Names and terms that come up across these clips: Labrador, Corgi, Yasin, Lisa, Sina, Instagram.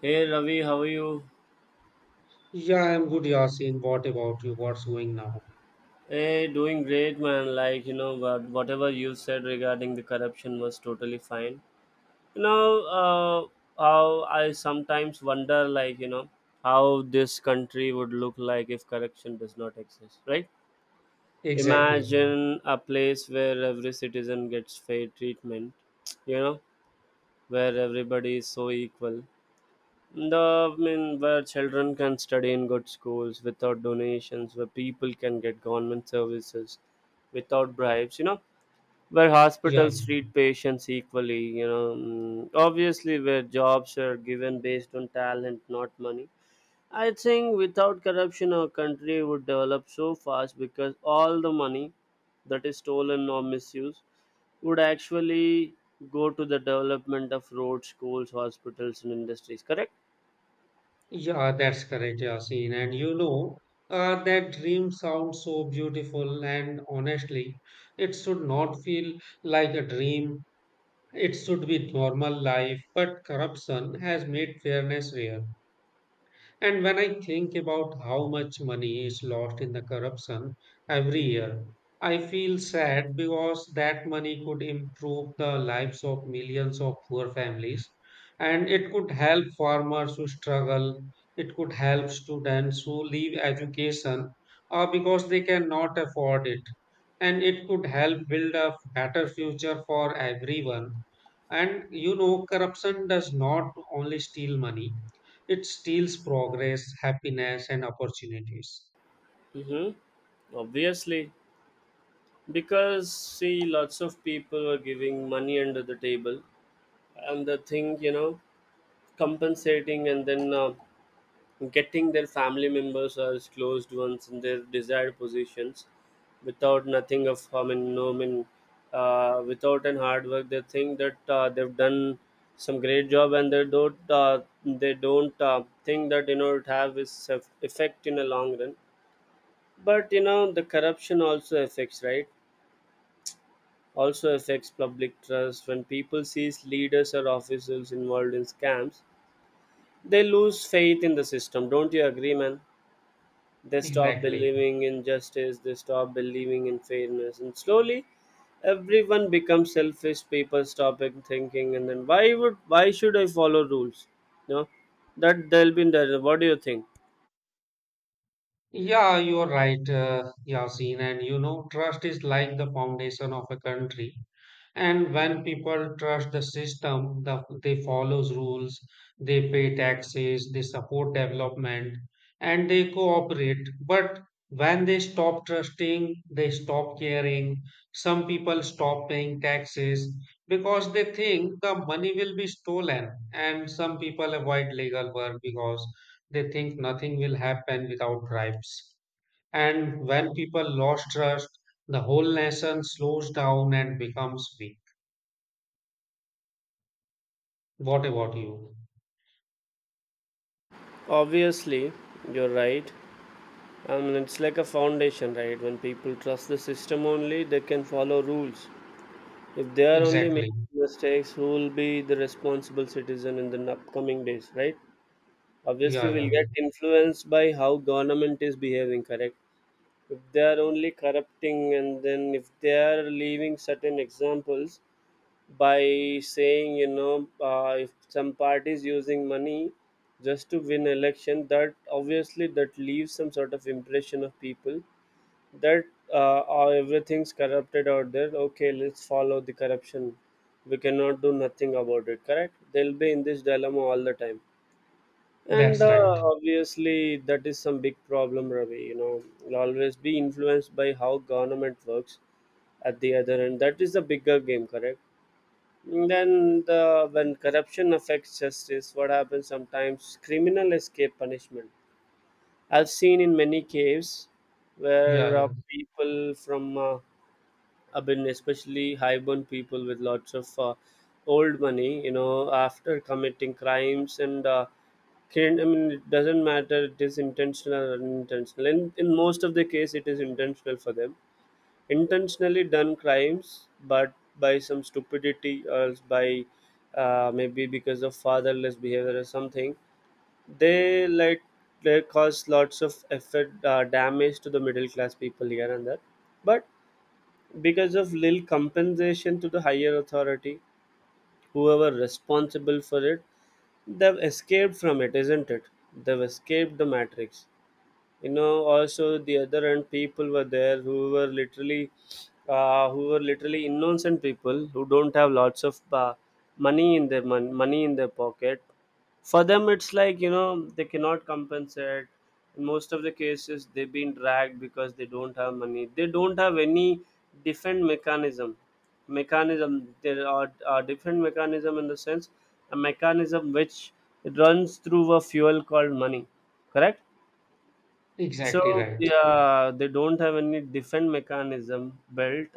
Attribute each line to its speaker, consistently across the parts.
Speaker 1: Hey Ravi, how are you?
Speaker 2: Yeah, I'm good, Yasin. What about you? What's going now?
Speaker 1: Hey, doing great, man. Like you know, whatever you said regarding the corruption was totally fine. You know, uh, how I sometimes wonder, how this country would look like if corruption does not exist, right?
Speaker 2: Exactly.
Speaker 1: Imagine a place where every citizen gets fair treatment. You know, where everybody is so equal. The I mean, where children can study in good schools without donations, where people can get government services without bribes, where
Speaker 2: Yeah,
Speaker 1: hospitals treat patients equally, obviously where jobs are given based on talent, not money. I think without corruption, our country would develop so fast because all the money that is stolen or misused would actually go to the development of roads, schools, hospitals, and industries. Correct?
Speaker 2: yeah, that's correct, Yasin. And you know, that dream sounds so beautiful, and honestly, it should not feel like a dream. It should be normal life, but corruption has made fairness rare. And when I think about how much money is lost in the corruption every
Speaker 1: Mhm.
Speaker 2: year, I feel sad because that money could improve the lives of millions of poor families, and it could help farmers who struggle, it could help students who leave education because they cannot afford it, and it could help build a better future for everyone. And you know, corruption does not only steal money, it steals progress, happiness, and opportunities.
Speaker 1: Mm-hmm. Obviously, because see, lots of people are giving money under the table, and the thing compensating and then getting their family members as closed ones in their desired positions, without nothing of I mean, no I mean, without an hard work. They think that they've done some great job, and they don't think that it have its effect in a long run. But the corruption also affects, right? Also affects public trust. When people sees leaders or officials involved in scams, they lose faith in the system. Don't you agree, man? They stop
Speaker 2: Exactly.
Speaker 1: believing in justice. They stop believing in fairness, and slowly, everyone becomes selfish. People stop and thinking, and then why should I follow rules? No, that they'll be in there. What do you think?
Speaker 2: Yeah, you're right, Yasin. And you know, trust is like the foundation of a country. And when people trust the system, they follows rules, they pay taxes, they support development, and they cooperate. But when they stop trusting, they stop caring. Some people stop paying taxes because they think the money will be stolen. And some people avoid legal work because they think nothing will happen without bribes. And when people lost trust, the whole nation slows down and becomes weak. What about you?
Speaker 1: Obviously, you're right. I mean, it's like a foundation, right? When people trust the system only, they can follow rules. If they are only making
Speaker 2: Exactly.
Speaker 1: mistakes, who will be the responsible citizen in the upcoming days, right?
Speaker 2: Yeah,
Speaker 1: Obviously, we'll get
Speaker 2: yeah.
Speaker 1: influenced by how government is behaving, correct? If they are only corrupting, and then if they are leaving certain examples by saying, if some party is using money just to win election, that obviously that leaves some sort of impression of people that or everything's corrupted out there. Okay, let's follow the corruption. We cannot do nothing about it, correct? They'll be in this dilemma all the time. And
Speaker 2: That's right.
Speaker 1: obviously that is some big problem, Ravi. You know, you'll always be influenced by how government works at the other end. That is the bigger game, correct? And then, the when corruption affects justice, what happens? Sometimes criminal escape punishment. I've seen in many caves
Speaker 2: Yeah,
Speaker 1: where
Speaker 2: yeah.
Speaker 1: people from I've been especially high-born people with lots of old money, you know, after committing crimes. And I mean, it doesn't matter it is intentional or unintentional. In most of the case, it is intentional for them. Intentionally done crimes, but by some stupidity or else by maybe because of fatherless behavior or something, they like they cause lots of effort damage to the middle class people here and there. But because of little compensation to the higher authority, whoever responsible for it, they've escaped from it, isn't it? They've escaped the matrix. You know, also the other end people were there who were literally innocent people who don't have lots of money in their money in their pocket. For them it's like they cannot compensate. In most of the cases they've been dragged because they don't have money, they don't have any different mechanism. There are different mechanism in the sense, a mechanism which runs through a fuel called money, correct? So
Speaker 2: Exactly right.
Speaker 1: yeah, they don't have any defense mechanism built,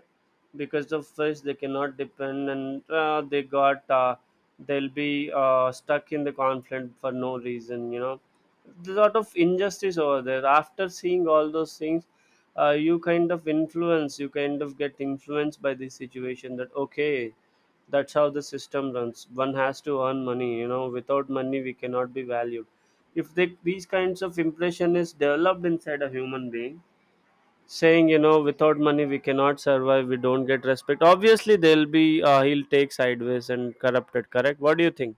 Speaker 1: because of which they cannot depend, and they got they'll be stuck in the conflict for no reason. There's a lot of injustice over there. After seeing all those things, you kind of get influenced by this situation. That okay, that's how the system runs. One has to earn money. Without money we cannot be valued. If these kinds of impression is developed inside a human being, saying without money we cannot survive, we don't get respect, obviously they'll be he'll take sideways and corrupted, correct? What do you think?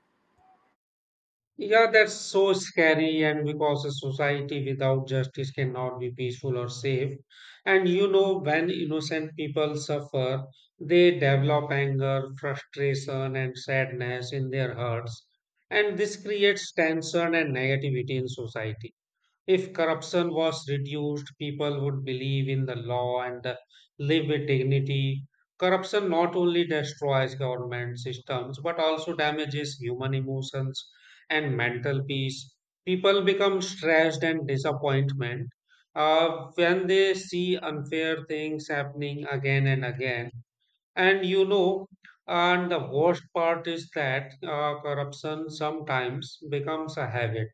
Speaker 2: Yeah, that's so scary. And because a society without justice cannot be peaceful or safe. And you know, when innocent people suffer, they develop anger, frustration, and sadness in their hearts. And this creates tension and negativity in society. If corruption was reduced, people would believe in the law and live with dignity. Corruption not only destroys government systems but also damages human emotions and mental peace. People become stressed and disappointment when they see unfair things happening again and again. And you know, and the worst part is that corruption sometimes becomes a habit,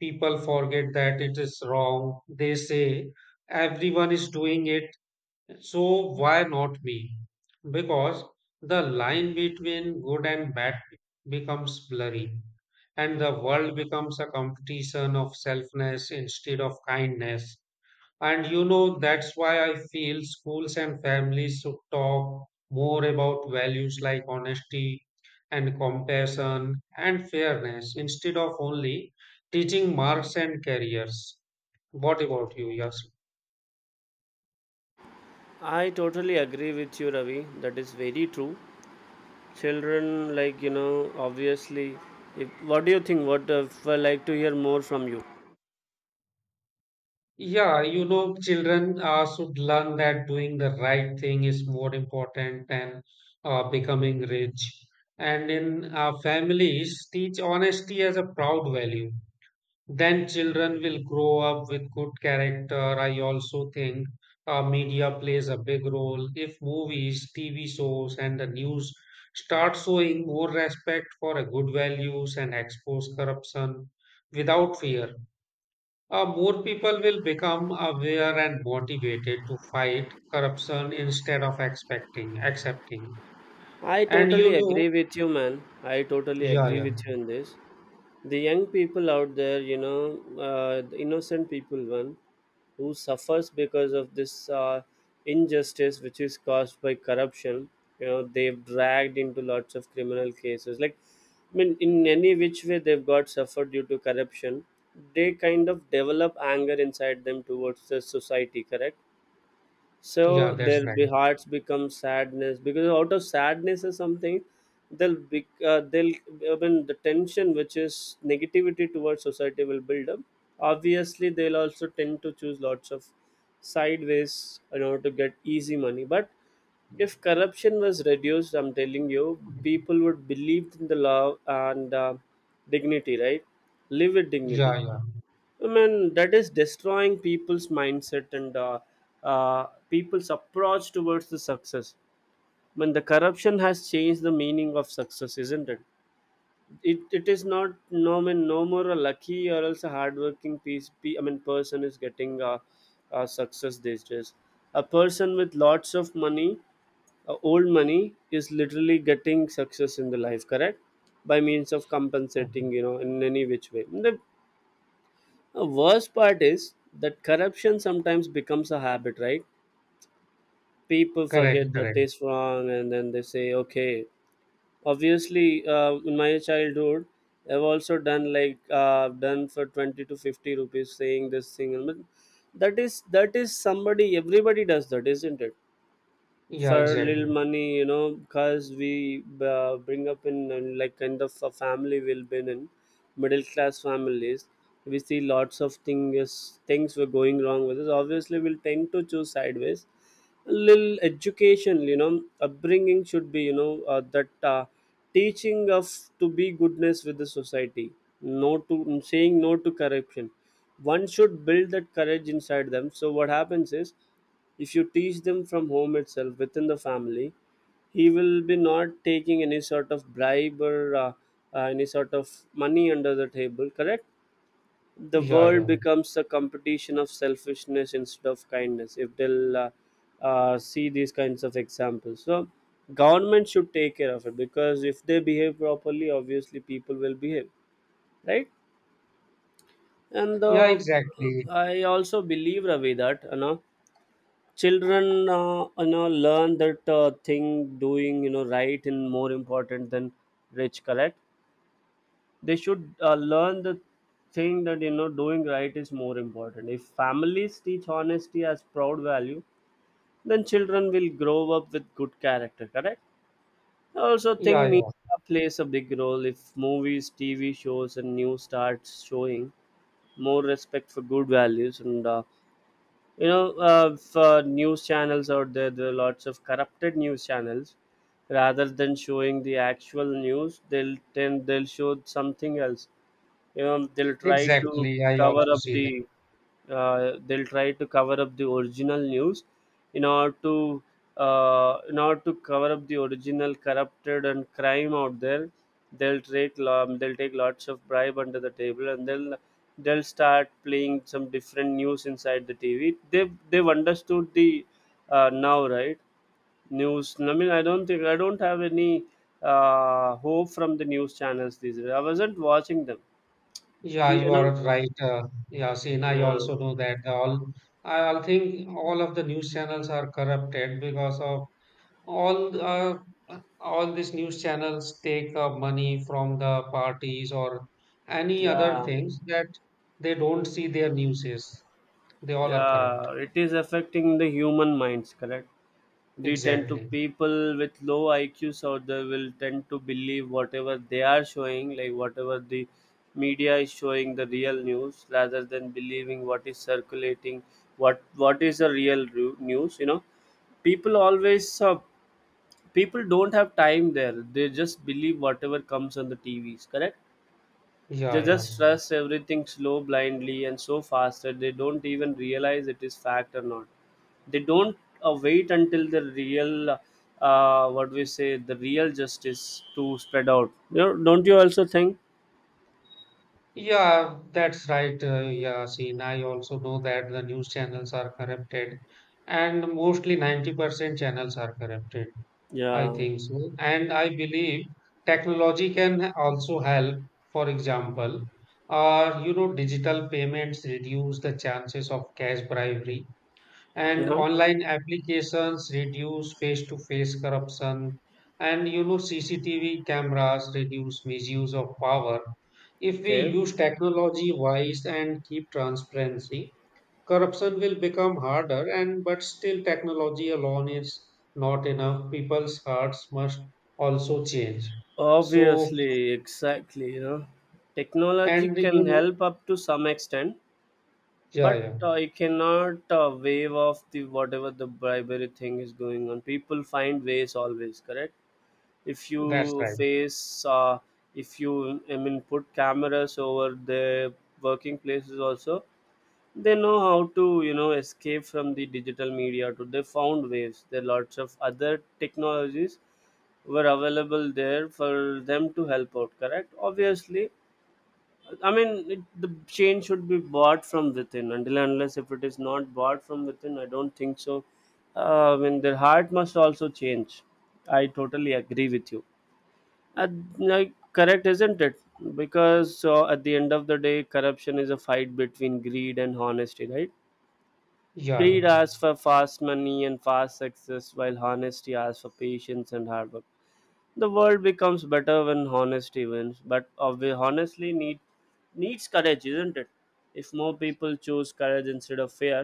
Speaker 2: people forget that it is wrong. They say everyone is doing it, so why not me? Because the line between good and bad becomes blurry, and the world becomes a competition of selfness instead of kindness. And you know, that's why I feel schools and families should talk more about values like honesty and compassion and fairness instead of only teaching marks and careers. What about you, Yes?
Speaker 1: I totally agree with you, Ravi. That is very true. Children, obviously. If What do you think? What if I like to hear more from you?
Speaker 2: Yeah, you know, children should learn that doing the right thing is more important than becoming rich. And in families, teach honesty as a proud value, then children will grow up with good character. I also think media plays a big role. If movies, TV shows, and the news start showing more respect for a good values and expose corruption without fear, more people will become aware and motivated to fight corruption instead of expecting, accepting.
Speaker 1: I
Speaker 2: And you
Speaker 1: totally
Speaker 2: know,
Speaker 1: agree with you, man. I totally
Speaker 2: yeah,
Speaker 1: agree
Speaker 2: yeah,
Speaker 1: with you in this. The young people out there, the innocent people, one who suffers because of this injustice which is caused by corruption. They've dragged into lots of criminal cases. Like, I mean, in any which way they've got suffered due to corruption, they kind of develop anger inside them towards the society, correct?
Speaker 2: yeah,
Speaker 1: So
Speaker 2: that's
Speaker 1: their
Speaker 2: right.
Speaker 1: be hearts become sadness, because out of sadness or something they'll I mean the tension which is negativity towards society will build up. Obviously they'll also tend to choose lots of sideways in order to get easy money. But if corruption was reduced, I'm telling you, people would believe in the law and dignity, right? Live with dignity.
Speaker 2: Yeah, yeah.
Speaker 1: I mean, that is destroying people's mindset and people's approach towards the success. I mean, the corruption has changed the meaning of success, isn't it? It is not I mean, no more a lucky or else a hardworking I mean, person is getting success these days. A person with lots of money, old money, is literally getting success in the life, correct? By means of
Speaker 2: Oh.
Speaker 1: compensating, in any which way. The worst part is that corruption sometimes becomes a habit, right? People
Speaker 2: Correct,
Speaker 1: forget that
Speaker 2: correct.
Speaker 1: it's wrong, and then they say, okay. Obviously, in my childhood, I've also done for 20 to 50 rupees saying this thing. But that is, somebody everybody does that, isn't it?
Speaker 2: Yeah,
Speaker 1: For little
Speaker 2: exactly.
Speaker 1: money, because we bring up in like kind of a family. We've been in middle class families, we see lots of things were going wrong with us, obviously we'll tend to choose sideways. A little education, upbringing should be, that teaching of to be goodness with the society, no to saying no to corruption. One should build that courage inside them. So what happens is, if you teach them from home itself within the family, he will be not taking any sort of bribe or any sort of money under the table, correct? The
Speaker 2: Yeah,
Speaker 1: world
Speaker 2: yeah.
Speaker 1: becomes a competition of selfishness instead of kindness, if they'll see these kinds of examples. So government should take care of it, because if they behave properly, obviously people will behave right. And
Speaker 2: Yeah, exactly.
Speaker 1: I also believe, Ravi, that children learn that thing. Doing right and more important than rich, correct? They should learn the thing that doing right is more important. If families teach honesty as proud value, then children will grow up with good character, correct? I also
Speaker 2: Yeah,
Speaker 1: think
Speaker 2: yeah.
Speaker 1: media plays a big role. If movies, TV shows and news starts showing more respect for good values, and for news channels out there are lots of corrupted news channels. Rather than showing the actual news, they'll show something else. They'll try to
Speaker 2: Exactly. I
Speaker 1: cover
Speaker 2: also
Speaker 1: up
Speaker 2: see
Speaker 1: the
Speaker 2: that.
Speaker 1: they'll try to cover up the original news, in order to in order to cover up the original corrupted and crime out there. They'll take lots of bribe under the table, and they'll start playing some different news inside the TV. They've understood the now, right? News, I mean, I don't have any hope from the news channels these days. I wasn't watching them,
Speaker 2: Yeah, you
Speaker 1: you know
Speaker 2: are right. Yeah, Sina, I
Speaker 1: yeah,
Speaker 2: also know that all, I all think all of the news channels are corrupted because of all uh, all these news channels take money from the parties or any other
Speaker 1: yeah,
Speaker 2: things that they don't see their newses. They all are corrupt.
Speaker 1: yeah, it is affecting the human minds, correct? We tend to
Speaker 2: Exactly.
Speaker 1: people with low IQs out there will tend to believe whatever they are showing, like whatever the media is showing the real news, rather than believing what is circulating. What is the real news? People always people don't have time there, they just believe whatever comes on the TVs, correct?
Speaker 2: Yeah,
Speaker 1: They
Speaker 2: yeah.
Speaker 1: just rush everything slow, blindly, and so fast that they don't even realize it is fact or not. They don't wait until the real, what we say, the real justice to spread out. Don't you also think?
Speaker 2: Yeah, that's right, Yasin. I also know that the news channels are corrupted, and mostly 90% channels are corrupted. I
Speaker 1: Yeah.
Speaker 2: think so. And I believe technology can also help. For example, you know, digital payments reduce the chances of cash bribery and
Speaker 1: Uh-huh.
Speaker 2: online applications reduce face-to-face corruption, and you know, cctv cameras reduce misuse of power. If we
Speaker 1: Okay.
Speaker 2: use technology wise and keep transparency, corruption will become harder, and but still technology alone is not enough, people's hearts must also change. So,
Speaker 1: Obviously, exactly. Technology
Speaker 2: and you
Speaker 1: can
Speaker 2: know,
Speaker 1: help up to some extent,
Speaker 2: yeah,
Speaker 1: but
Speaker 2: yeah,
Speaker 1: it cannot wave off the whatever the bribery thing is going on. People find ways always, correct? if
Speaker 2: that's
Speaker 1: you
Speaker 2: right,
Speaker 1: face uh, if you I mean put cameras over their working places also, they know how to escape from the digital media too. They found ways. There are lots of other technologies were available there for them to help out, correct? Obviously, I mean the change should be bought from within. Until and unless if it is not bought from within, I don't think so. I mean their heart must also change. I totally agree with you, uh, like correct, isn't it? Because at the end of the day, corruption is a fight between greed and honesty, right?
Speaker 2: yeah, yeah,
Speaker 1: Greed asks for fast money and fast success, while honesty asks for patience and hard work. The world becomes better when honesty wins. But honestly needs courage, isn't it? If more people choose courage instead of fear,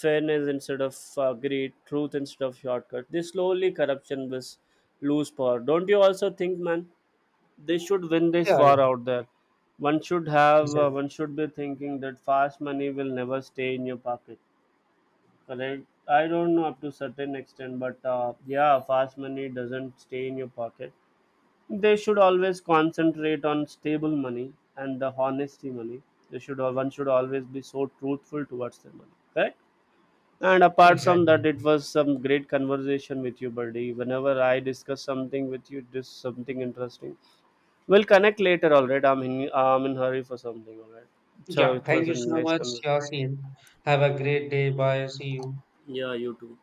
Speaker 1: fairness instead of greed, truth instead of shortcut, this slowly corruption will lose power. Don't you also think, man? They should win this
Speaker 2: yeah,
Speaker 1: war
Speaker 2: yeah.
Speaker 1: out there.
Speaker 2: Exactly.
Speaker 1: One should be thinking that fast money will never stay in your pocket. Correct? I don't know up to certain extent, but yeah, fast money doesn't stay in your pocket. They should always concentrate on stable money and the honesty money. One should always be so truthful towards their money, correct? And apart from that,
Speaker 2: Exactly.
Speaker 1: it was some great conversation with you, buddy. Whenever I discuss something with you, just something interesting. We'll connect later. All right. I'm in hurry for something. All right. So
Speaker 2: Yeah,
Speaker 1: it
Speaker 2: thank
Speaker 1: was a
Speaker 2: you so
Speaker 1: nice
Speaker 2: much,
Speaker 1: conversation.
Speaker 2: Yasin. Have a great day. Bye. See you.
Speaker 1: Yeah, you too.